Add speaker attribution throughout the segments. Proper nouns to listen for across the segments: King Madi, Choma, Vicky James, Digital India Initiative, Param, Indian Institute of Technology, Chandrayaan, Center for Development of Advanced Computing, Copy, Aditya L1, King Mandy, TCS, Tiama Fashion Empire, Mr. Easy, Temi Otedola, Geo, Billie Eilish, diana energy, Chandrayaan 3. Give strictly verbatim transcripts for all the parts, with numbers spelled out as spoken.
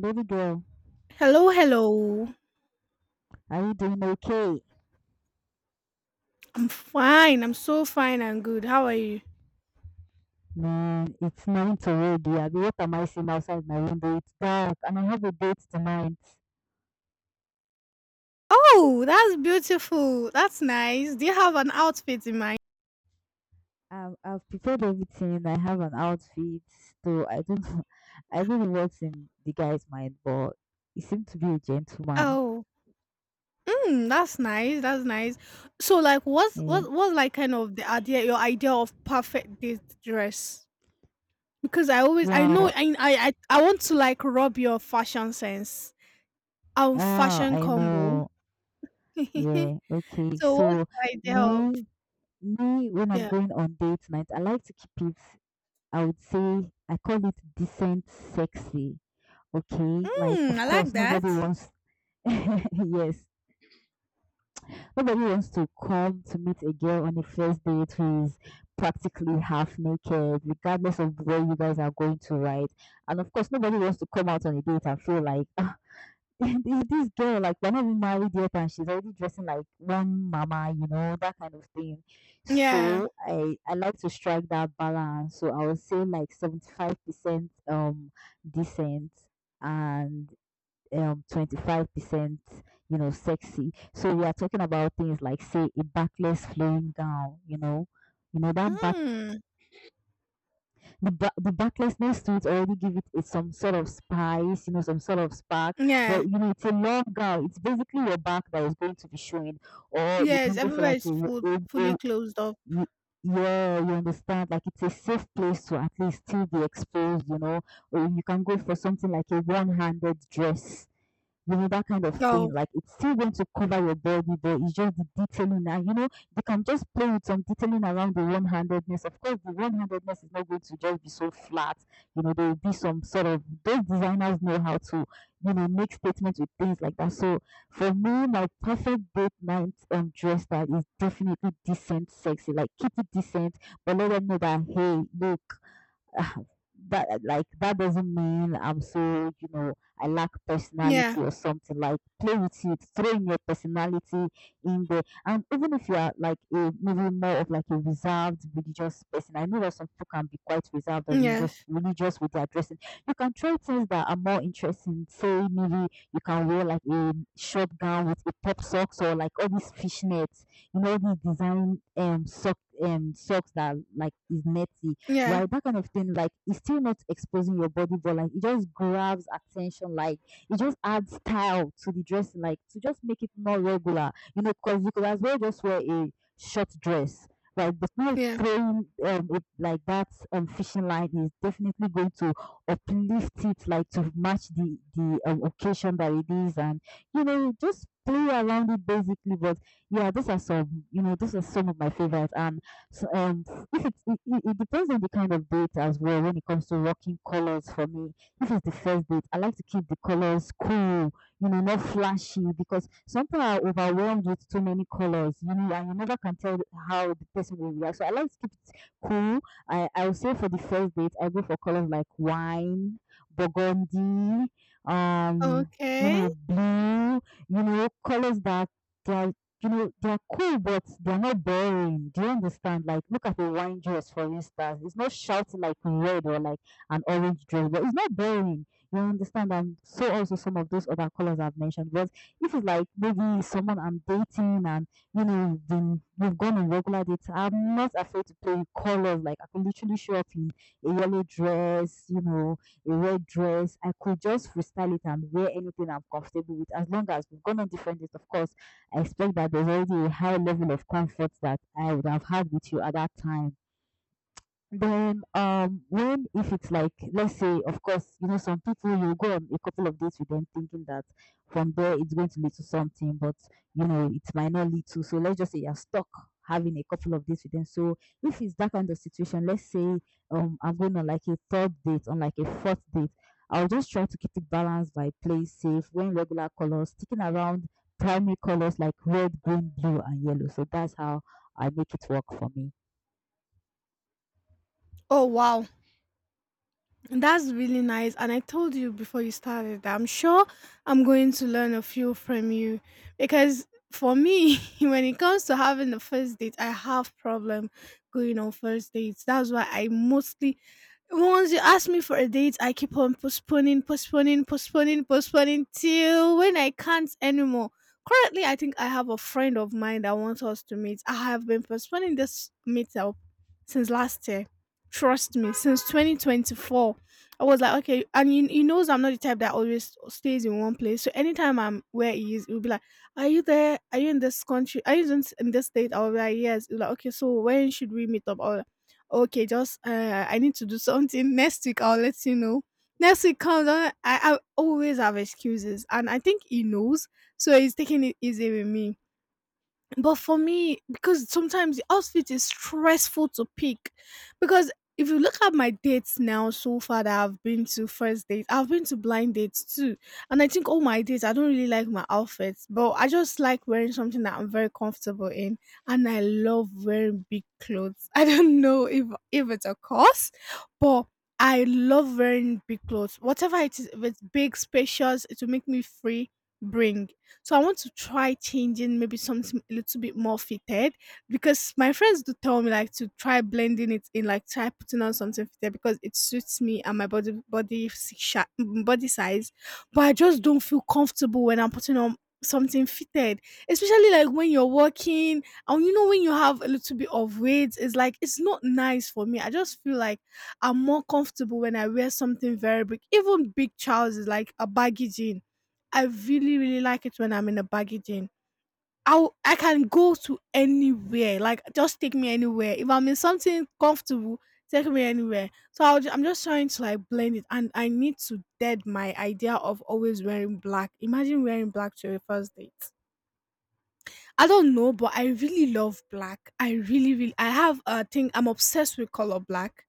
Speaker 1: Baby girl,
Speaker 2: Hello, hello.
Speaker 1: are you doing okay?
Speaker 2: I'm fine. I'm so fine and good. How are you?
Speaker 1: Man, it's night already. I mean, what am I seeing outside my window? It's dark, and I have a date tonight.
Speaker 2: Oh, that's beautiful. That's nice. Do you have an outfit in mind?
Speaker 1: I've, I've prepared everything. I have an outfit, so I don't know. I don't know what's in the guy's mind, but he seemed to be a gentleman.
Speaker 2: Oh, mm, that's nice. That's nice. So, like, what's
Speaker 1: Yeah.
Speaker 2: what what's like kind of the idea, your idea of perfect date dress? Because I always, I know,
Speaker 1: Wow.
Speaker 2: I I I, I want to like rub your fashion sense, um,
Speaker 1: Oh,
Speaker 2: fashion
Speaker 1: I
Speaker 2: combo.
Speaker 1: know. Yeah. Okay.
Speaker 2: So, what's
Speaker 1: So
Speaker 2: the idea of
Speaker 1: me, me, when I'm
Speaker 2: yeah?
Speaker 1: going on date night, I like to keep it. I would say I call it decent, sexy. Okay, like
Speaker 2: Mm,
Speaker 1: of
Speaker 2: I like
Speaker 1: course
Speaker 2: that.
Speaker 1: nobody wants. Yes. Nobody wants to come to meet a girl on a first date who is practically half naked, regardless of where you guys are going to, right? And of course nobody wants to come out on a date and feel like, ah, this this girl, like we're not even married yet and she's already dressing like one mama, you know, that kind of thing.
Speaker 2: Yeah.
Speaker 1: So I I like to strike that balance. So I would say like seventy five percent um decent and um twenty-five percent, you know sexy. So we are talking about things like, say, a backless flowing gown, you know. You know that back,
Speaker 2: Mm,
Speaker 1: the, ba- the backlessness to it already give it a- some sort of spice you know some sort of spark.
Speaker 2: yeah.
Speaker 1: But, you know it's a long gown. It's basically your back that is going to be showing. Or you
Speaker 2: Yes,
Speaker 1: can go for
Speaker 2: everywhere
Speaker 1: like a,
Speaker 2: is
Speaker 1: w-
Speaker 2: full,
Speaker 1: a,
Speaker 2: fully
Speaker 1: a-
Speaker 2: closed off.
Speaker 1: y- yeah, you understand, like it's a safe place to at least still be exposed you know Or you can go for something like a one-handed dress, you know, that kind of thing.
Speaker 2: Oh,
Speaker 1: Like, it's still going to cover your body, but it's just the detailing. And you know, they can just play with some detailing around the one handedness. Of course, the one handedness is not going to just be so flat. You know, there will be some sort of, those designers know how to, you know, make statements with things like that. So for me, my perfect date night um dress that is definitely decent, sexy. Like, keep it decent, but let them know that, hey, look. that like that doesn't mean I'm, so you know I lack
Speaker 2: yeah,
Speaker 1: personality or something. Like, play with it, throw in your personality in there. And even if you are like a, maybe, more of like a reserved religious person, I know that some people can be quite reserved or religious
Speaker 2: yes,
Speaker 1: religious with their dressing. You can try things that are more interesting. Say, maybe you can wear like a short gown with a pop socks or like all these fishnets, you know, these design um sock um socks that, like, is netty,
Speaker 2: yeah,
Speaker 1: right? That kind of thing. Like, it's still not exposing your body, but, like, it just grabs attention. Like, it just adds style to the dressing, like to just make it more regular, you know, because you could as well just wear a short dress. Right, but not
Speaker 2: yeah.
Speaker 1: throwing um it like that um fishing line is definitely going to uplift it, like to match the the um, occasion that it is. And, you know just play around it, basically. But yeah, those are some you know those are some of my favorites. And so, um if it's it, it it depends on the kind of date as well when it comes to rocking colors for me. If it's the first date, I like to keep the colors cool, you know not flashy, because sometimes I are overwhelmed with too many colors you know and you never can tell how the person will react. So I like to keep it cool. I i would say, for the first date I go for colors like wine, burgundy, um you
Speaker 2: Okay.
Speaker 1: know blue, you know, colors that they are you know, they're cool, but they're not boring. Do you understand? Like, look at the wine dress, for instance. It's not shouting like red or like an orange dress, but it's not boring. You understand? And so also some of those other colors I've mentioned. But if it's, like, maybe someone I'm dating and, you know we've been we've gone on regular dates, I'm not afraid to play with colors. Like, I could literally show up in a yellow dress, you know, a red dress. I could just freestyle it and wear anything I'm comfortable with, as long as we've gone on different dates. Of course, I expect that there's already a high level of comfort that I would have had with you at that time. Then, um, when, if it's like, let's say, of course, you know, some people you go on a couple of dates with them thinking that from there it's going to lead to something, but you know, it might not lead to. So let's just say you're stuck having a couple of dates with them. So if it's that kind of situation, let's say, um, I'm going on like a third date, on like a fourth date, I'll just try to keep it balanced by play safe, wearing regular colors, sticking around primary colors like red, green, blue, and yellow. So that's how I make it work for me.
Speaker 2: Oh, wow. That's really nice. And I told you before you started that I'm sure I'm going to learn a few from you because for me, when it comes to having the first date, I have problem going on first dates. That's why I mostly. Once you ask me for a date, I keep on postponing, postponing, postponing, postponing till when I can't anymore. Currently, I think I have a friend of mine that wants us to meet. I have been postponing this meetup since last year. Trust me, since twenty twenty-four. I was like, okay, and he, he knows I'm not the type that always stays in one place. So anytime I'm where he is, he'll be like, are you there? Are you in this country? Are you in, in this state? I'll be like, yes. He'll be like, okay, so when should we meet up? I'll okay, just uh, I need to do something next week. I'll let you know. Next week comes, and I, I always have excuses, and I think he knows, so he's taking it easy with me. But for me, because sometimes the outfit is stressful to pick, because if you look at my dates now so far that I've been to first date, I've been to blind dates too, and I think all my dates I don't really like my outfits, but I just like wearing something that I'm very comfortable in, and I love wearing big clothes. I don't know if if it's a curse, but I love wearing big clothes. Whatever it is, if it's big, spacious, it will make me free. Bring so I want to try changing maybe something a little bit more fitted because my friends do tell me like to try blending it in, like try putting on something fitted because it suits me and my body body si- sha- mm, body size. But I just don't feel comfortable when I'm putting on something fitted, especially like when you're walking and you know when you have a little bit of weight, it's like it's not nice for me. I just feel like I'm more comfortable when I wear something very big, even big trousers like a baggy jean. I really, really like it when I'm in a baggy jean. i I can go to anywhere. Like, just take me anywhere. If I'm in something comfortable, take me anywhere. So I'll, ju- I'm just trying to like blend it. And I need to dead my idea of always wearing black. Imagine wearing black to your first date. I don't know, but I really love black. I really, really, I have a thing. I'm obsessed with color black.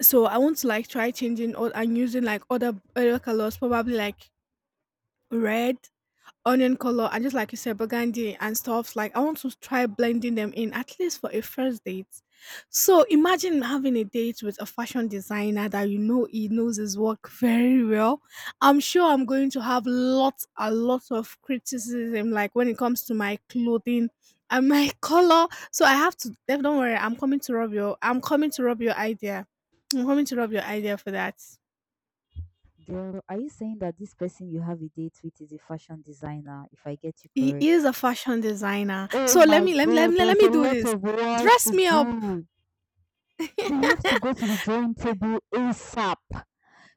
Speaker 2: So I want to like try changing or and using like other other colors, probably like red onion color and just like you said burgundy and stuff like I want to try blending them in at least for a first date. So imagine having a date with a fashion designer that you know he knows his work very well. I'm sure I'm going to have lots a lot of criticism like when it comes to my clothing and my color, so I have to. Don't worry, i'm coming to rob your i'm coming to rob your idea I'm coming to rob your idea for that.
Speaker 1: Girl, are you saying that this person you have a date with is a fashion designer, if I get you
Speaker 2: He is
Speaker 1: correct?
Speaker 2: a fashion designer.
Speaker 1: Oh
Speaker 2: So let
Speaker 1: my
Speaker 2: me let me let
Speaker 1: God,
Speaker 2: me let
Speaker 1: there's
Speaker 2: me
Speaker 1: a
Speaker 2: do
Speaker 1: lot
Speaker 2: this.
Speaker 1: of work to
Speaker 2: Dress me up.
Speaker 1: do. We have to go to the drawing table ASAP.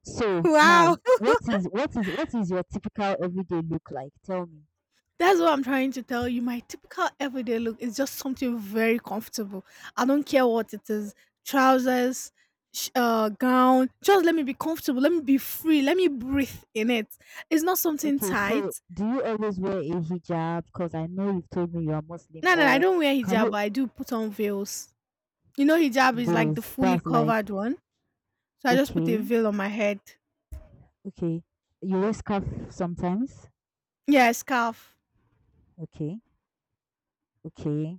Speaker 1: So
Speaker 2: Wow.
Speaker 1: now, what is what is what is your typical everyday look like? Tell me.
Speaker 2: That's what I'm trying to tell you. My typical everyday look is just something very comfortable. I don't care what it is. Trousers, sh- uh, gown. Just let me be comfortable. Let me be free. Let me breathe in it. It's not something
Speaker 1: Okay, so
Speaker 2: tight.
Speaker 1: do you always wear a hijab? Because I know you've told me you are Muslim,
Speaker 2: No, no, no, I
Speaker 1: or
Speaker 2: don't wear
Speaker 1: can
Speaker 2: hijab,
Speaker 1: you
Speaker 2: but I do put on veils. You know, hijab is like the
Speaker 1: veils?
Speaker 2: fully
Speaker 1: That's like,
Speaker 2: covered one. So I just put a
Speaker 1: okay,
Speaker 2: veil on my head.
Speaker 1: okay. You wear scarf sometimes.
Speaker 2: Yeah, a scarf.
Speaker 1: Okay, okay.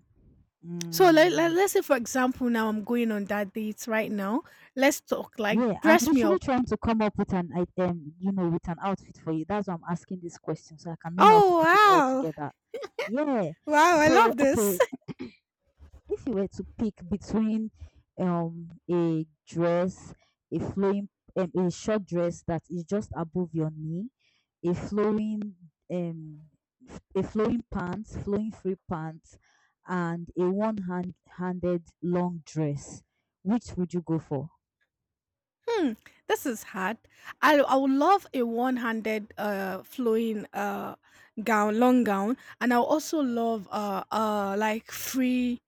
Speaker 2: So let, let,
Speaker 1: Mm,
Speaker 2: let's say, for example, now I'm going on that date right now. Let's talk, like,
Speaker 1: yeah, I'm
Speaker 2: dress me
Speaker 1: literally
Speaker 2: up.
Speaker 1: trying to come up with an item, you know, with an outfit for you. That's why I'm asking this question so I can know how to put it all
Speaker 2: Oh,
Speaker 1: together. Yeah.
Speaker 2: wow. Wow, I
Speaker 1: So,
Speaker 2: love this.
Speaker 1: okay, if you were to pick between um a dress, a flowing um, a short dress that is just above your knee, a flowing um f- a flowing pants, flowing free pants, and a one-hand handed long dress, which would you go for?
Speaker 2: Hmm, this is hard. I, I would love a one handed, uh, flowing uh, gown, long gown. And I would also love, uh, uh, like, free,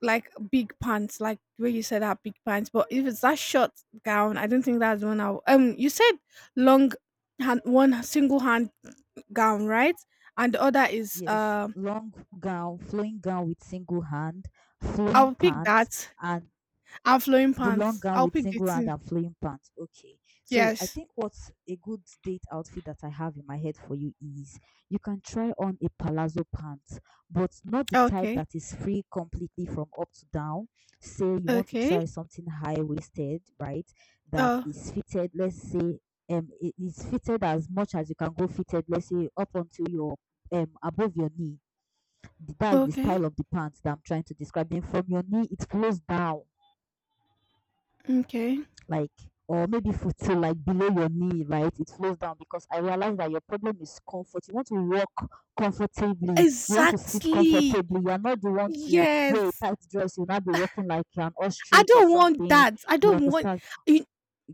Speaker 2: like, big pants, like where you said that big pants. But if it's that short gown, I don't think that's the one I would- Um, you said long, hand, one single hand gown, right? And the other is
Speaker 1: Yes,
Speaker 2: um.
Speaker 1: long gown, flowing gown with single hand, flowing
Speaker 2: I'll pick
Speaker 1: pants,
Speaker 2: that
Speaker 1: and
Speaker 2: and flowing
Speaker 1: the long
Speaker 2: pants.
Speaker 1: gown
Speaker 2: I'll
Speaker 1: with
Speaker 2: pick the
Speaker 1: single hand
Speaker 2: two.
Speaker 1: and flowing pants. Okay, so I
Speaker 2: Yes.
Speaker 1: think what's a good date outfit that I have in my head for you is you can try on a palazzo pants, but not the type
Speaker 2: Okay.
Speaker 1: that is free completely from up to down. Say you want to
Speaker 2: Okay.
Speaker 1: try something high waisted, right? That
Speaker 2: Oh,
Speaker 1: is fitted, let's say, um, it is fitted as much as you can go fitted, let's say, up until your um above your knee. That's the
Speaker 2: okay.
Speaker 1: style of the pants that I'm trying to describe. Then, from your knee, it flows down,
Speaker 2: Okay.
Speaker 1: like, or maybe for to like below your knee, right? It flows down because I realize that your problem is comfort. You want to walk comfortably, you want to sit
Speaker 2: Exactly.
Speaker 1: comfortably. You are not the one to wear a
Speaker 2: Yes.
Speaker 1: tight dress. You'll not be walking like an
Speaker 2: I
Speaker 1: ostrich or
Speaker 2: don't want
Speaker 1: something.
Speaker 2: that. I
Speaker 1: You
Speaker 2: don't want
Speaker 1: understand?
Speaker 2: you,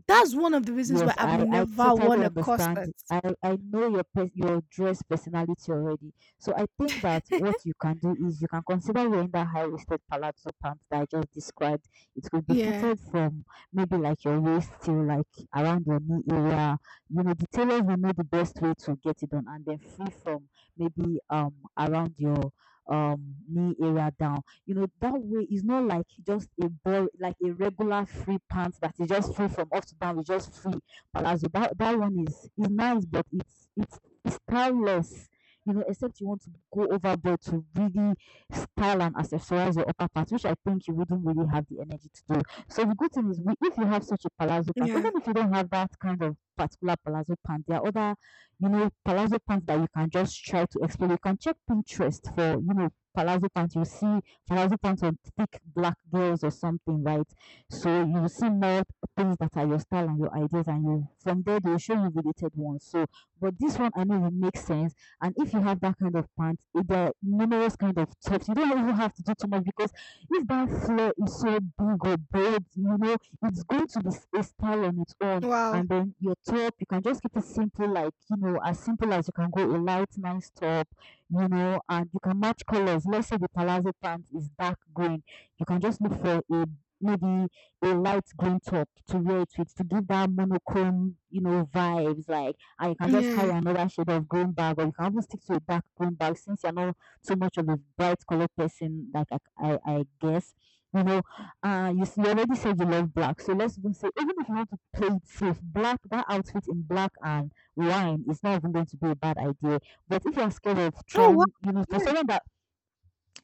Speaker 2: that's one of the reasons why
Speaker 1: Yes,
Speaker 2: I've
Speaker 1: I, I
Speaker 2: never worn
Speaker 1: totally
Speaker 2: a
Speaker 1: understand.
Speaker 2: corset.
Speaker 1: I, I know your pers- your dress personality already. So I think that what you can do is you can consider wearing that high waisted palazzo pants that I just described. It could be
Speaker 2: Yeah.
Speaker 1: fitted from maybe like your waist till like around your knee area. You know, the tailors will know the best way to get it done and then free from maybe um around your um knee area down. you know that way it's not like just a bor- like a regular free pants that is just free from up to down. It's just free palazzo. That, that one is is nice, but it's it's it's styleless, you know except you want to go overboard to really style and accessorize your upper part, which I think you wouldn't really have the energy to do. So the good thing is, we, if you have such a palazzo pant,
Speaker 2: Yeah.
Speaker 1: even if you don't have that kind of particular palazzo pant, there are other, you know, palazzo pants that you can just try to explore. You can check Pinterest for, you know, palazzo pants. You see thousand times on thick black girls or something, right? So you see more things that are your style and your ideas, and you from there they'll show you related ones. So, but this one I know will make sense. And if you have that kind of pants, eh, there are numerous kind of tops. You don't even have to do too much because if that flare is so big or bold, you know, it's going to be s- a style on its own.
Speaker 2: Wow.
Speaker 1: And then your top, you can just keep it simple, like you know, as simple as you can go a light, nice top you know, and you can match colors. Let's say the palazzo pants is dark green, you can just look for a maybe a light green top to wear it with to give that monochrome, you know, vibes. Like, and you can just
Speaker 2: Yeah.
Speaker 1: carry another shade of green bag, or you can even stick to a dark green bag since you're not so much of a bright color person. Like, I, I, I guess. You know, uh, you, s- you already said you love black, so let's even say even if you want to play it safe, black that outfit in black and wine is not even going to be a bad idea but if you're scared of
Speaker 2: Oh wow.
Speaker 1: trying, you know, for
Speaker 2: Yeah.
Speaker 1: someone that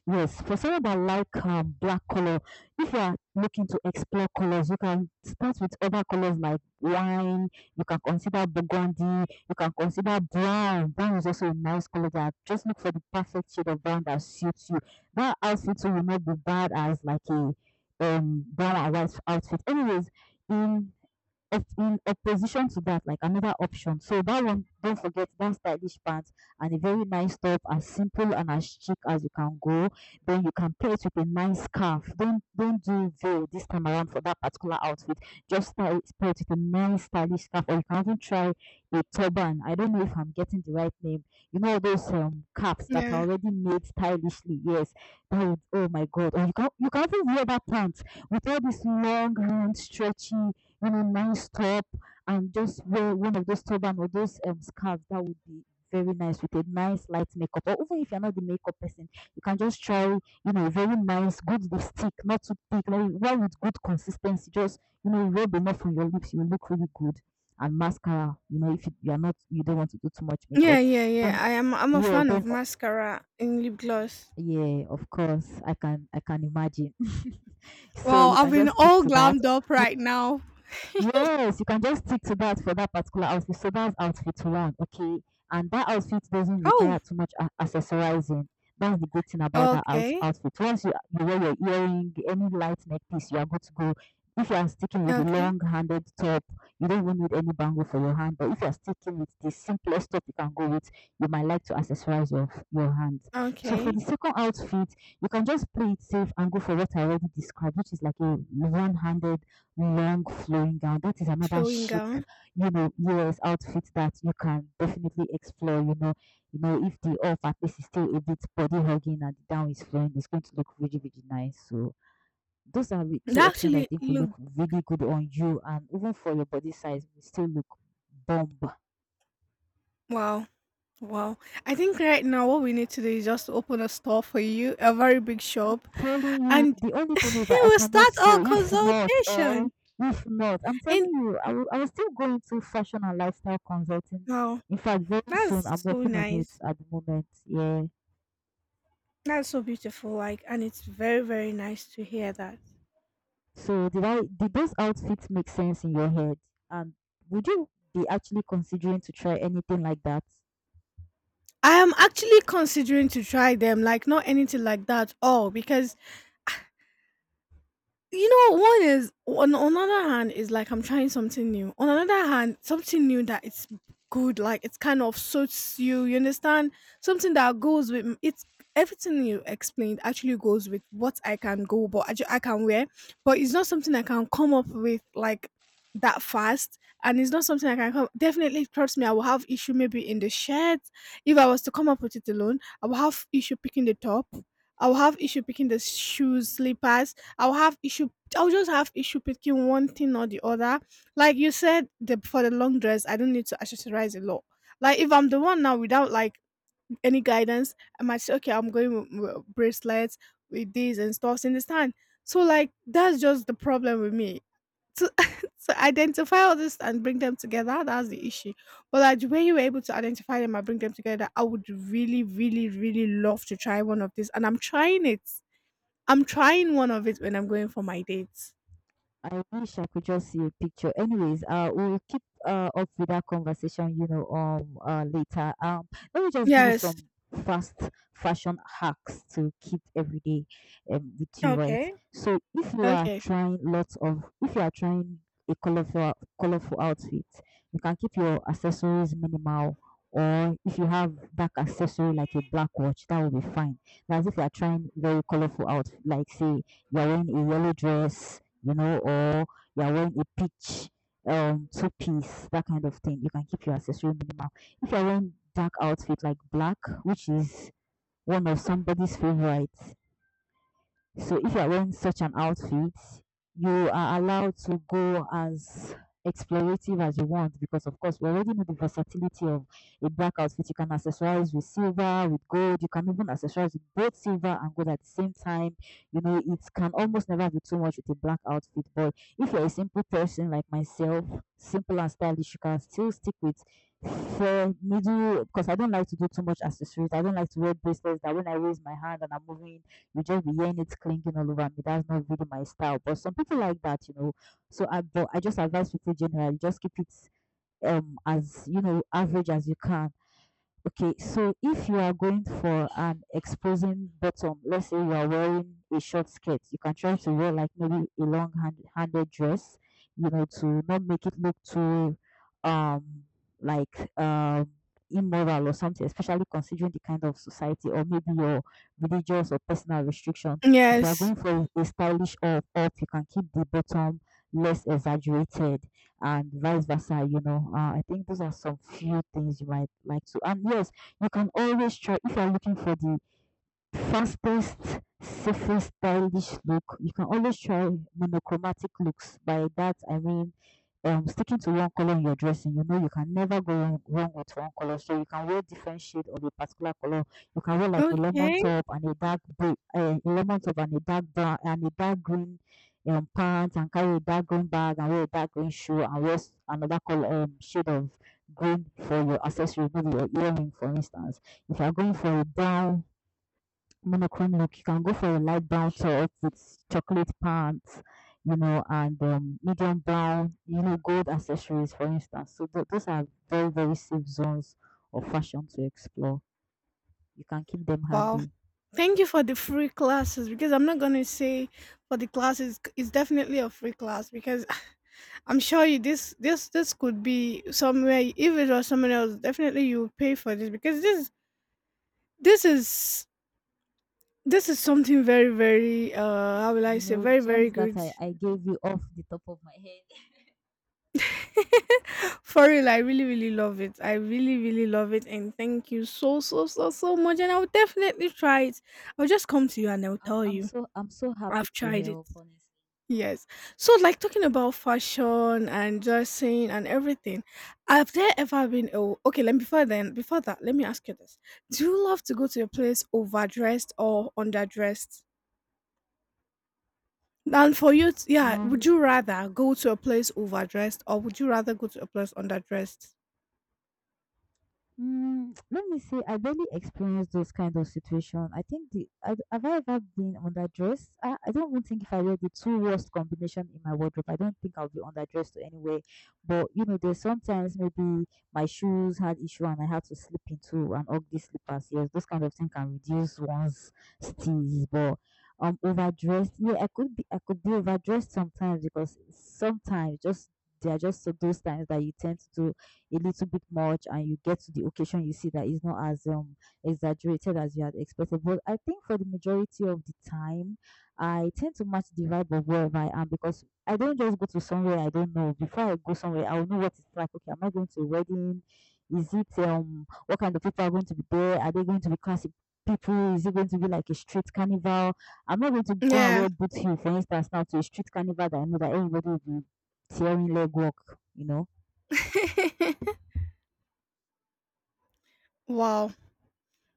Speaker 1: yes, for someone that like um, black color, if you are looking to explore colors, you can start with other colors like wine. You can consider burgundy. You can consider brown. Brown is also a nice color. That just look for the perfect shade of brown that suits you. That outfit too will not be bad as like a um brown and white outfit. Anyways, in in opposition to that, like another option. So that one, don't forget that stylish pants and a very nice top, as simple and as chic as you can go. Then you can pair it with a nice scarf. Don't don't do veil this time around for that particular outfit. Just style it, pair it with a nice stylish scarf, or you can even try a turban. I don't know if I'm getting the right name. You know those um caps that are
Speaker 2: Yeah.
Speaker 1: already made stylishly. Yes, that would. Oh my God! Or you can you can even wear that pants with all these long, hand stretchy you know, nice top and just wear one of those turban or those um, scarves. That would be very nice with a nice light makeup. Or even if you're not the makeup person, you can just try, you know, very nice, good lipstick, not too thick, like one with good consistency. Just, you know, rub enough on your lips, you will look really good. And mascara, you know, if you, you are not, you don't want to do too much makeup,
Speaker 2: Yeah, yeah,
Speaker 1: then
Speaker 2: yeah. I am I'm a
Speaker 1: yeah,
Speaker 2: fan
Speaker 1: then
Speaker 2: of
Speaker 1: o-
Speaker 2: mascara and lip gloss.
Speaker 1: yeah, of course, I can I can imagine. So
Speaker 2: Wow,
Speaker 1: you
Speaker 2: I've
Speaker 1: can
Speaker 2: been
Speaker 1: just stick
Speaker 2: all
Speaker 1: to that.
Speaker 2: glammed up right now.
Speaker 1: Yes, you can just stick to that for that particular outfit. So that's outfit one, okay? And that outfit doesn't require
Speaker 2: Oh,
Speaker 1: too much a- accessorizing. That's the good thing about that out-
Speaker 2: okay,
Speaker 1: outfit. Once you, you wear your earring, any light neckpiece, you are good to go. If you are sticking with the
Speaker 2: okay,
Speaker 1: long-handed top, you don't even need any bangle for your hand. But if you are sticking with the simplest top you can go with, you might like to accessorize your your hands. So for
Speaker 2: okay.
Speaker 1: the second outfit, you can just play it safe and go for what I already described, which is like a one-handed long flowing gown. That is another
Speaker 2: Flowing
Speaker 1: chic,
Speaker 2: gown.
Speaker 1: you know, U S outfit that you can definitely explore. You know, you know, if the off at least is still a bit body hugging and the down is flowing, it's going to look really, really nice. So those are re-
Speaker 2: That
Speaker 1: two options I
Speaker 2: actually
Speaker 1: think will
Speaker 2: look
Speaker 1: look really good on you and even for your body size will still look bomb.
Speaker 2: wow, wow. I think right now what we need to do is just open a store for you, a very big shop,
Speaker 1: Telling you,
Speaker 2: and
Speaker 1: the only thing is that I
Speaker 2: we'll
Speaker 1: cannot
Speaker 2: start our
Speaker 1: sew. If not, eh,
Speaker 2: consultation.
Speaker 1: if not, I'm telling
Speaker 2: And
Speaker 1: you, I will, I will still go into fashion and lifestyle consulting.
Speaker 2: wow,
Speaker 1: In fact, very soon, I'm
Speaker 2: that's so
Speaker 1: working on it
Speaker 2: nice.
Speaker 1: at the moment. Yeah.
Speaker 2: That's so beautiful. Like, and it's very, very nice to hear that.
Speaker 1: So, did I did those outfits make sense in your head? And would you be actually considering to try anything like that?
Speaker 2: I am actually considering to try them, like not anything like that, all because you know, one is on on another hand is like I'm trying something new. On another hand, something new that it's good, like it's kind of suits you. You understand? Something that goes with it's everything you explained actually goes with what I can go, but I, ju- I can wear, but it's not something I can come up with like that fast, and it's not something I can come. Definitely, trust me, I will have issue maybe in the shirt. If I was to come up with it alone, I will have issue picking the top. I will have issue picking the shoes, slippers. I'll have issue. I'll just have issue picking one thing or the other. Like you said, the, for the long dress, I don't need to accessorize a lot. Like if I'm the one now without like any guidance, I might say, okay, I'm going with, with bracelets with these and stuffs in this time. So like that's just the problem with me. To, to identify all this and bring them together, that's the issue. But like the way you were able to identify them and bring them together, I would really, really, really love to try one of these, and I'm trying it. I'm trying one of it when I'm going for my dates.
Speaker 1: I wish I could just see a picture. Anyways, uh, we'll keep uh up with that conversation, you know, um, uh, later. Um, let me just give you
Speaker 2: Yes.
Speaker 1: some fast fashion hacks to keep every day, um, with you, right?
Speaker 2: Okay.
Speaker 1: So if you are
Speaker 2: Okay.
Speaker 1: trying lots of, if you are trying a colorful, colorful outfit, you can keep your accessories minimal. Or if you have back accessory like a black watch, that will be fine. That's if you are trying very colorful outfit, like say you are wearing a yellow dress you know, or you're wearing a peach um two piece, that kind of thing. You can keep your accessory minimal. If you're wearing dark outfit like black, which is one of somebody's favorites, so if you are wearing such an outfit, you are allowed to go as explorative as you want because of course we already know the versatility of a black outfit. You can accessorize with silver, with gold, you can even accessorize with both silver and gold at the same time. You know, it can almost never be too much with a black outfit. But if you're a simple person like myself, simple and stylish, you can still stick with fair middle because I don't like to do too much accessories. I don't like to wear bracelets that when I raise my hand and I'm moving you just be hearing it clinking all over me. That's not really my style. But some people like that, you know. So I, but I just advise people generally just keep it um as you know average as you can. Okay, so if you are going for an exposing bottom, let's say you are wearing a short skirt, you can try to wear like maybe a long hand, handed dress, you know, to not make it look too um like um immoral or something, especially considering the kind of society or maybe your religious or personal restriction. If you are
Speaker 2: Yes.
Speaker 1: going for a stylish up up, you can keep the bottom less exaggerated and vice versa, you know. Uh, I think those are some few things you might like to. And yes, you can always try if you're looking for the fastest, safest, stylish look. You can always try monochromatic looks. By that, I mean um sticking to one color in your dressing you know you can never go wrong, wrong with one color so you can wear different shade of a particular color, you can wear like a lemon
Speaker 2: Okay.
Speaker 1: top and a dark blue uh, a lemon top and a dark brown and a dark green um pants and carry a dark green bag and wear a dark green shoe and wear s- another color um shade of green for your accessory maybe your earring for instance if you are going for a brown monochrome look. You can go for a light brown top with chocolate pants, you know, and um, medium brown, you know, gold accessories, for instance. So th- those are very, very safe zones of fashion to explore. You can keep them
Speaker 2: Wow.
Speaker 1: handy.
Speaker 2: Thank you for the free classes because I'm not going to say for the classes it's definitely a free class because I'm sure you this this this could be somewhere if it was someone else definitely you would pay for this because this this is this is something very very uh how will I
Speaker 1: You
Speaker 2: say
Speaker 1: know,
Speaker 2: very very
Speaker 1: gems that
Speaker 2: good.
Speaker 1: I, I gave you off the top of my head.
Speaker 2: For real, I really, really love it. I really, really love it. And thank you so, so, so, so much. And I'll definitely try it. I'll just come to you and I'll
Speaker 1: I'm
Speaker 2: tell
Speaker 1: I'm
Speaker 2: you
Speaker 1: so I'm so happy
Speaker 2: I've
Speaker 1: to
Speaker 2: tried it.
Speaker 1: help, honestly.
Speaker 2: Yes. So, like talking about fashion and dressing and everything, have there ever been? Oh, okay. Let me before then, before that, let me ask you this: do you love to go to a place overdressed or underdressed? And for you, t- yeah, would
Speaker 1: Um,
Speaker 2: you rather go to a place overdressed or would you rather go to a place underdressed?
Speaker 1: mm, let me say, I barely experienced those kind of situation. I think the I, have I ever been underdressed? I, I don't even think if I wear the two worst combination in my wardrobe, I don't think I'll be underdressed to anywhere. But you know, there's sometimes maybe my shoes had issue and I had to slip into an ugly slippers. Yes, those kind of thing can reduce one's steeze, but. Um, overdressed. Yeah, I could be. I could be overdressed sometimes because sometimes just they are just so those times that you tend to do a little bit much and you get to the occasion you see that it's not as um exaggerated as you had expected but I think for the majority of the time I tend to match the vibe of wherever I am because I don't just go to somewhere I don't know before I go somewhere I will know what it's like. Okay, am I going to a wedding, is it um what kind of people are going to be there, are they going to be classic people, is it going to be like a street carnival? I'm not going to go and
Speaker 2: Yeah.
Speaker 1: wear boot heel for instance now to a street carnival that I know that everybody will be tearing leg work, you know.
Speaker 2: Wow.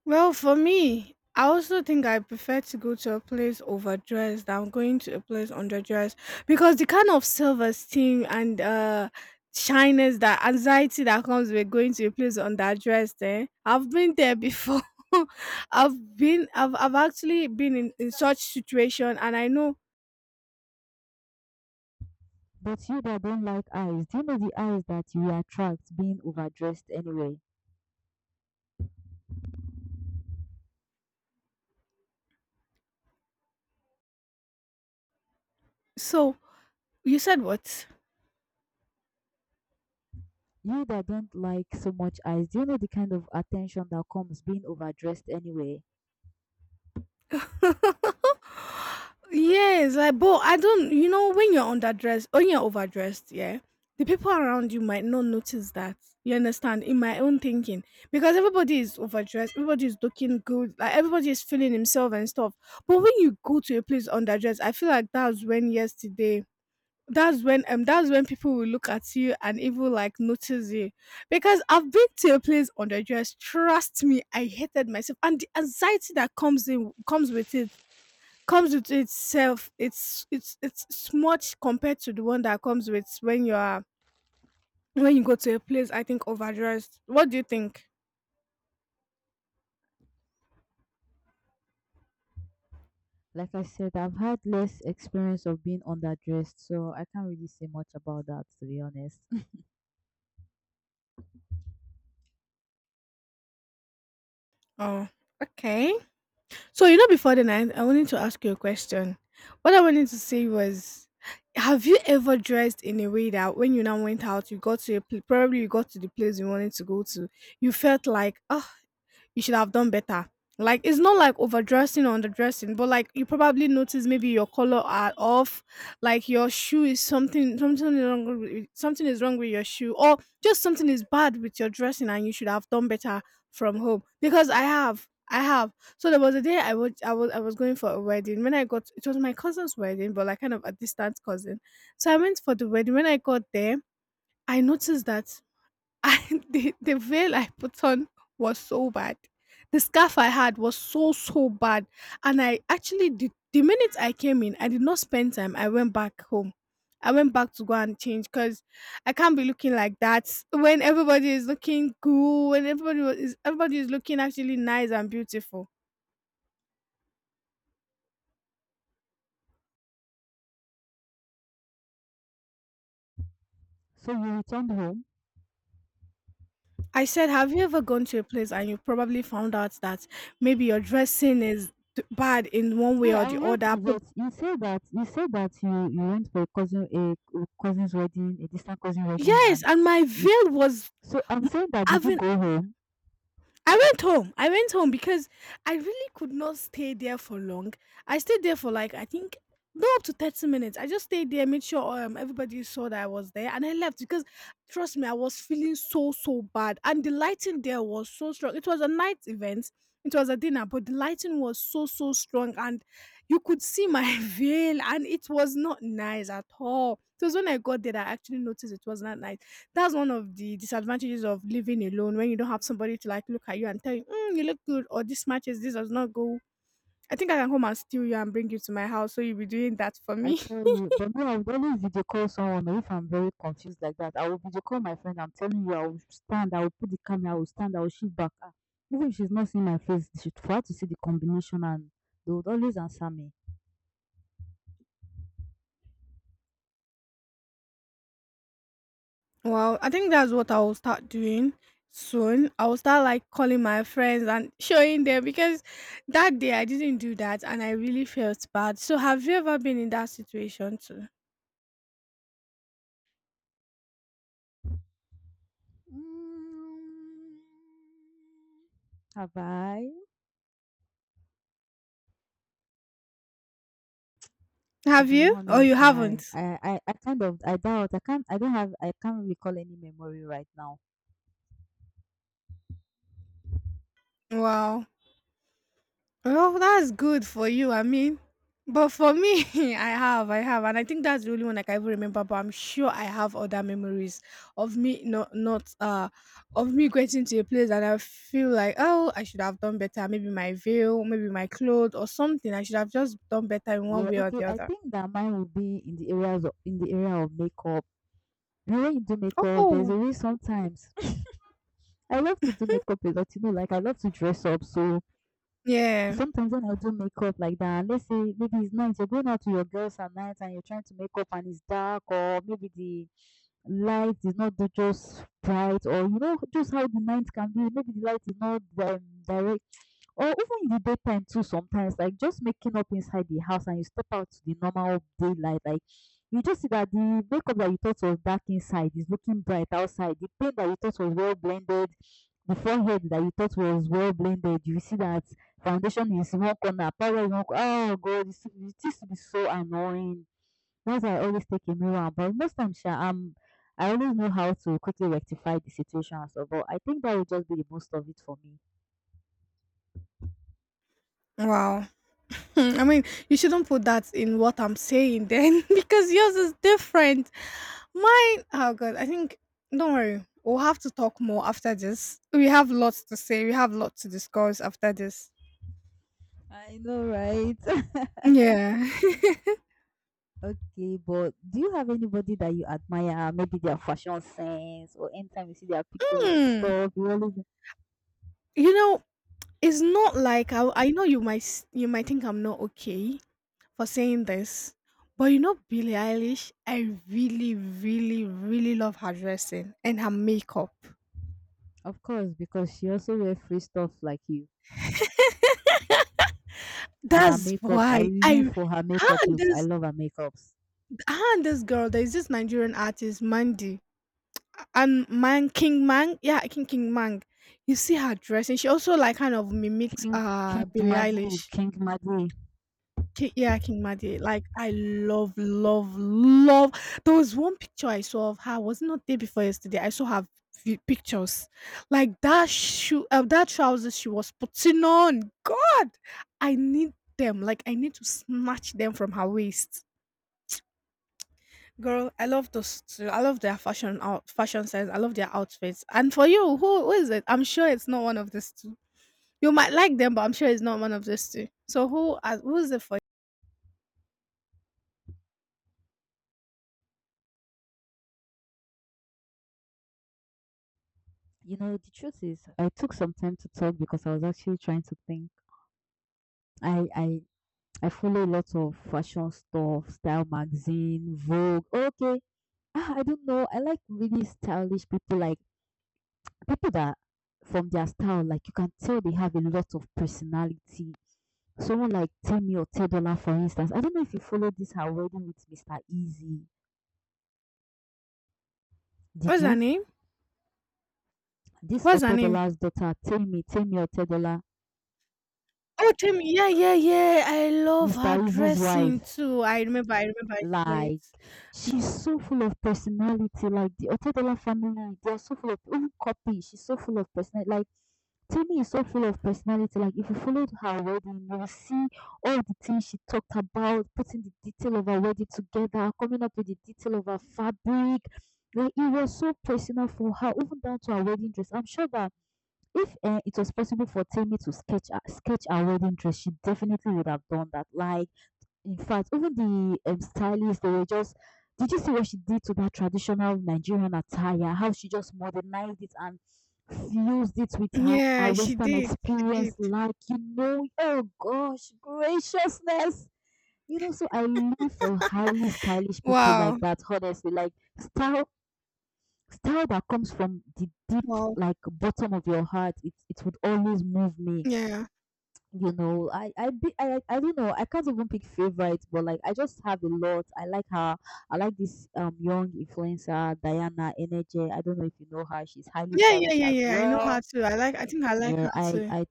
Speaker 2: Well, for me, I also think I prefer to go to a place overdressed than going to a place underdressed because the kind of self esteem and uh shyness that anxiety that comes with going to a place underdressed, eh? I've been there before. I've been I've I've actually been in, in such situation and I know
Speaker 1: But you that don't like eyes, do you know the eyes that you attract being overdressed anyway?
Speaker 2: so you said what?
Speaker 1: You that don't like so much eyes, do you know the kind of attention that comes being overdressed anyway?
Speaker 2: Yes, I but I don't you know when you're underdressed when you're overdressed, yeah, the people around you might not notice that. You understand? In my own thinking. Because everybody is overdressed, everybody is looking good, like everybody is feeling himself and stuff. But when you go to a place underdressed, I feel like that's when yesterday that's when um that's when people will look at you and even like notice you. Because I've been to a place underdressed, trust me, I hated myself. And the anxiety that comes in comes with it comes with itself it's it's it's it's much compared to the one that comes with when you are when you go to a place I think overdressed. What do you think?
Speaker 1: Like I said, I've had less experience of being underdressed, so I can't really say much about that to be honest.
Speaker 2: Oh, okay. So you know before the night I wanted to ask you a question. What I wanted to say was, have you ever dressed in a way that when you now went out you got to a pl- probably you got to the place you wanted to go to, you felt like, oh, you should have done better. Like it's not like overdressing or underdressing, but like you probably notice maybe your color are off, like your shoe is something, something is wrong with, something is wrong with your shoe, or just something is bad with your dressing, and you should have done better from home. Because I have, I have. So there was a day I was I was I was going for a wedding. When I got it was my cousin's wedding, but like kind of a distant cousin. So I went for the wedding. When I got there, I noticed that, and the the veil I put on was so bad. The scarf I had was so, so bad. And I actually did the minute I came in, I did not spend time. I went back home. I went back to go and change because I can't be looking like that when everybody is looking cool, when everybody wa- is everybody is looking actually nice and beautiful.
Speaker 1: So you returned home?
Speaker 2: I said, have you ever gone to a place and you probably found out that maybe your dressing is d- bad in one way
Speaker 1: Yeah,
Speaker 2: or
Speaker 1: I
Speaker 2: the
Speaker 1: heard
Speaker 2: other?
Speaker 1: you
Speaker 2: Prob-
Speaker 1: that you said that you said that you, you went for a cousin a cousin's wedding, a distant cousin wedding
Speaker 2: Yes,
Speaker 1: and
Speaker 2: and my
Speaker 1: you-
Speaker 2: veil was
Speaker 1: so I'm saying that did you
Speaker 2: having.
Speaker 1: go home?
Speaker 2: I went home. I went home because I really could not stay there for long. I stayed there for like I think no up to thirty minutes. I just stayed there, made sure um everybody saw that I was there and I left because trust me, I was feeling so, so bad. And the lighting there was so strong. It was a night event. It was a dinner, but the lighting was so, so strong, and you could see my veil and it was not nice at all. It was when I got there that I actually noticed it was not nice. That's one of the disadvantages of living alone, when you don't have somebody to like look at you and tell you, mm, you look good, or this matches, this does not go. I think I can come and steal you and bring you to my house, so you'll be doing that for
Speaker 1: I
Speaker 2: me.
Speaker 1: tell you, but me, I would always video call someone, or if I'm very confused like that, I will video call my friend. I'm telling you, I will stand, I will put the camera, I will stand, I will shoot back. Ah, even if she's not seeing my face, she for her to see the combination, and they would always answer me.
Speaker 2: Well, I think that's what I will start doing soon. I will start like calling my friends and showing them because that day I didn't do that and I really felt bad. So have you ever been in that situation too?
Speaker 1: Mm, Have I? To
Speaker 2: Have
Speaker 1: be
Speaker 2: you? Or you
Speaker 1: honest, I,
Speaker 2: haven't?
Speaker 1: I, I, I kind of, I doubt. I can't, I don't have, I can't recall any memory right now.
Speaker 2: Wow. Oh, that's good for you. I mean, but for me, I have, I have, and I think that's the only one I can even remember. But I'm sure I have other memories of me not, not, uh, of me getting to a place and I feel like, oh, I should have done better. Maybe my veil, maybe my clothes, or something. I should have just done better in one
Speaker 1: Yeah,
Speaker 2: way or
Speaker 1: okay.
Speaker 2: the
Speaker 1: I
Speaker 2: other.
Speaker 1: think that mine will be in the areas of, in the area of makeup. The way you do makeup, there's
Speaker 2: Oh.
Speaker 1: a way sometimes. I love to do makeup a lot, you know, like I love to dress up. So
Speaker 2: Yeah.
Speaker 1: sometimes when I do makeup like that, and let's say maybe it's night, you're going out to your girls at night and you're trying to make up and it's dark, or maybe the light is not the- just bright, or you know, just how the night can be. Maybe the light is not um, direct, or even in the daytime too sometimes, like just making up inside the house and you step out to the normal daylight, like you just see that the makeup that you thought was dark inside is looking bright outside. The paint that you thought was well blended, the forehead that you thought was well blended, you see that foundation is one corner, powder is one corner. Oh God, it's- it used to be so annoying. That's why I always take a mirror, but most times sha, I'm I always know how to quickly rectify the situation and stuff. But I think that would just be the most of it for me.
Speaker 2: Wow. Hmm, I mean, you shouldn't put that in what I'm saying then, because yours is different. Mine, oh God, I think, don't worry. We'll have to talk more after this. We have lots to say. We have lots to discuss after this.
Speaker 1: I know, right?
Speaker 2: Yeah.
Speaker 1: Okay, but do you have anybody that you admire? Maybe their fashion sense, or anytime you see their pictures or
Speaker 2: Hmm.
Speaker 1: stuff, you always.
Speaker 2: You know, it's not like I, I know you might s- you might think I'm not okay for saying this, but you know Billie Eilish, I really, really, really love her dressing and her makeup.
Speaker 1: Of course, because she also wear free stuff like you, and her
Speaker 2: That's
Speaker 1: makeups. I
Speaker 2: why I,
Speaker 1: live for her makeup
Speaker 2: ah,
Speaker 1: looks. I
Speaker 2: there's
Speaker 1: love her makeups.
Speaker 2: her and this girl, there's this Nigerian artist, Mandy. And Man King Mang. Yeah, King King Mang. You see her dressing. She also like kind of mimics
Speaker 1: King King
Speaker 2: uh Billie
Speaker 1: Madi,
Speaker 2: Eilish.
Speaker 1: King Madi.
Speaker 2: Ki- Yeah, King Mandy. Like I love, love, love. There was one picture I saw of her. Was it not day before yesterday? I saw her vi- pictures. Like that shoe, uh, that trousers she was putting on. God, I need them. Like I need to snatch them from her waist. Girl, I love those too. I love their fashion out fashion sense. I love their outfits. And for you, who who is it? I'm sure it's not one of these two. You might like them, but I'm sure it's not one of these two. So who are who is it for you?
Speaker 1: You know, the truth is, I took some time to talk because I was actually trying to think. I I I follow lots of fashion stuff, style magazine, Vogue. Okay, ah, I don't know. I like really stylish people, like people that from their style, like you can tell they have a lot of personality. Someone like Temi or Tedola, for instance. I don't know if you followed this her wedding with mister Easy. Did
Speaker 2: What's her
Speaker 1: you?
Speaker 2: name?
Speaker 1: This
Speaker 2: What's her name?
Speaker 1: Otedola's daughter, Temi, Temi Otedola,
Speaker 2: Oh, Timmy. Yeah, yeah, yeah, I love
Speaker 1: mister
Speaker 2: her
Speaker 1: Easy's
Speaker 2: dressing
Speaker 1: wife.
Speaker 2: too. I remember. I remember. I saw it.
Speaker 1: Like, she's so full of personality. Like, the Otedola family, they are so full of, even Copy, she's so full of personality. Like, Temi is so full of personality. Like, if you followed her wedding, you will see all the things she talked about, putting the detail of her wedding together, coming up with the detail of her fabric. Like, it was so personal for her, even down to her wedding dress. I'm sure that if uh, it was possible for Temi to sketch her, sketch her wedding dress, she definitely would have done that. Like, in fact, even the um, stylist, they were just, did you see what she did to that traditional Nigerian attire? How she just modernized it and fused it with her, her
Speaker 2: Yeah, she
Speaker 1: Western
Speaker 2: did. She did.
Speaker 1: experience. Like, you know, oh gosh, graciousness. You know, so I live for highly stylish people
Speaker 2: Wow.
Speaker 1: like that, honestly. Like, style style that comes from the deep
Speaker 2: Wow.
Speaker 1: like bottom of your heart, it it would always move me,
Speaker 2: Yeah.
Speaker 1: you know. i i di- i, I don't know, I can't even pick favorites, but like I just have a lot, I like her, I like this um young influencer Diana Energy. I don't know if you know her. She's highly
Speaker 2: Yeah, yeah,
Speaker 1: stylish
Speaker 2: yeah,
Speaker 1: as
Speaker 2: yeah, I know her
Speaker 1: well.
Speaker 2: too. I like. I think I like
Speaker 1: Yeah,
Speaker 2: her
Speaker 1: i
Speaker 2: too.
Speaker 1: i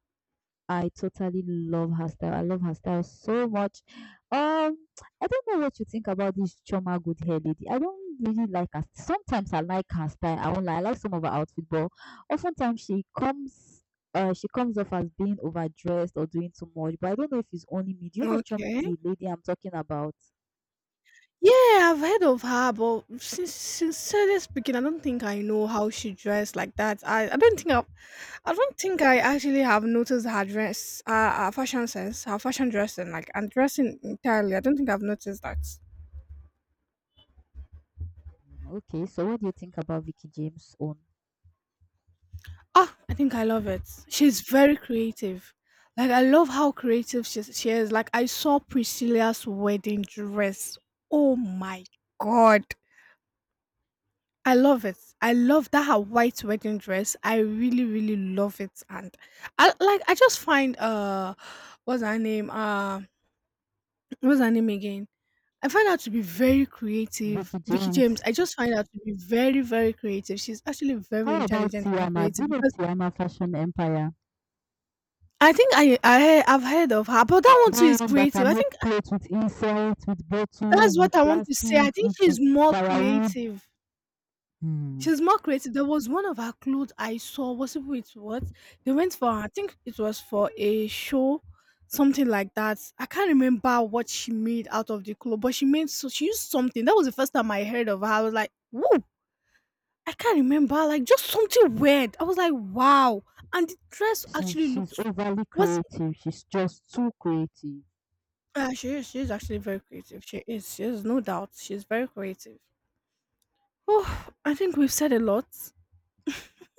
Speaker 1: I totally love her style. I love her style so much. Um, I don't know what you think about this Choma good hair lady. I don't really like her. Sometimes I like her style. I won't lie. I like some of her outfit, but oftentimes she comes, uh, she comes off as being overdressed or doing too much. But I don't know if it's only me. Do you know Chom-
Speaker 2: Okay.
Speaker 1: the lady I'm talking about?
Speaker 2: Yeah, I've heard of her, but sin- sincerely speaking, I don't think I know how she dressed like that. I, I don't think I've, I I do not think I actually have noticed her dress, uh, her fashion sense, her fashion dressing, like and dressing entirely. I don't think I've noticed that.
Speaker 1: Mm, Okay, so what do you think about Vicky James' own?
Speaker 2: Ah, I think I love it. She's very creative. Like I love how creative she, she is. Like I saw Priscilla's wedding dress. Oh my god. I love it. I love that her white wedding dress. I really, really love it. And I like I just find uh what's her name? Uh what's her name again? I find her to be very creative.
Speaker 1: Vicky
Speaker 2: Vicky James,
Speaker 1: James.
Speaker 2: I just find her to be very, very creative. She's actually very
Speaker 1: How about
Speaker 2: intelligent and
Speaker 1: Tiama? Do
Speaker 2: creative
Speaker 1: you know
Speaker 2: because
Speaker 1: Tiama Fashion Empire?
Speaker 2: I think I, I, I've heard of her, but that one too
Speaker 1: Buy
Speaker 2: is
Speaker 1: one that
Speaker 2: creative.
Speaker 1: can
Speaker 2: I
Speaker 1: make
Speaker 2: think
Speaker 1: clothes with insect, with
Speaker 2: that's
Speaker 1: bottles, with
Speaker 2: what I want to say. I
Speaker 1: plastic,
Speaker 2: think
Speaker 1: with
Speaker 2: she's more
Speaker 1: firewood.
Speaker 2: creative.
Speaker 1: Hmm.
Speaker 2: She's more creative. There was one of her clothes I saw. Was it with what? They went for, I think it was for a show, something like that. I can't remember what she made out of the clothes, but she made, so she used something. That was the first time I heard of her. I was like, whoa, I can't remember. Like, just something weird. I was like, wow. And the dress actually
Speaker 1: She's she's
Speaker 2: looked,
Speaker 1: overly
Speaker 2: was,
Speaker 1: creative. She's just too creative.
Speaker 2: uh, she is, she is actually very creative. She is, she is, no doubt. She's very creative. Oh, I think we've said a lot,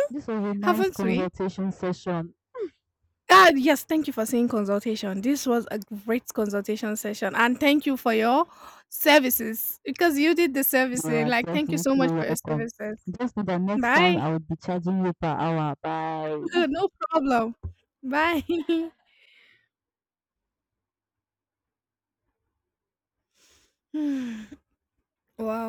Speaker 1: This was a nice
Speaker 2: haven't we?
Speaker 1: consultation session.
Speaker 2: God, yes, thank you for saying consultation. This was a great consultation session, and thank you for your services because you did the
Speaker 1: You
Speaker 2: servicing.
Speaker 1: are
Speaker 2: Like, thank you so much
Speaker 1: definitely
Speaker 2: for your
Speaker 1: welcome.
Speaker 2: services.
Speaker 1: Just know that next time
Speaker 2: Bye.
Speaker 1: I will be charging you per hour. Bye.
Speaker 2: No problem. Bye. Wow.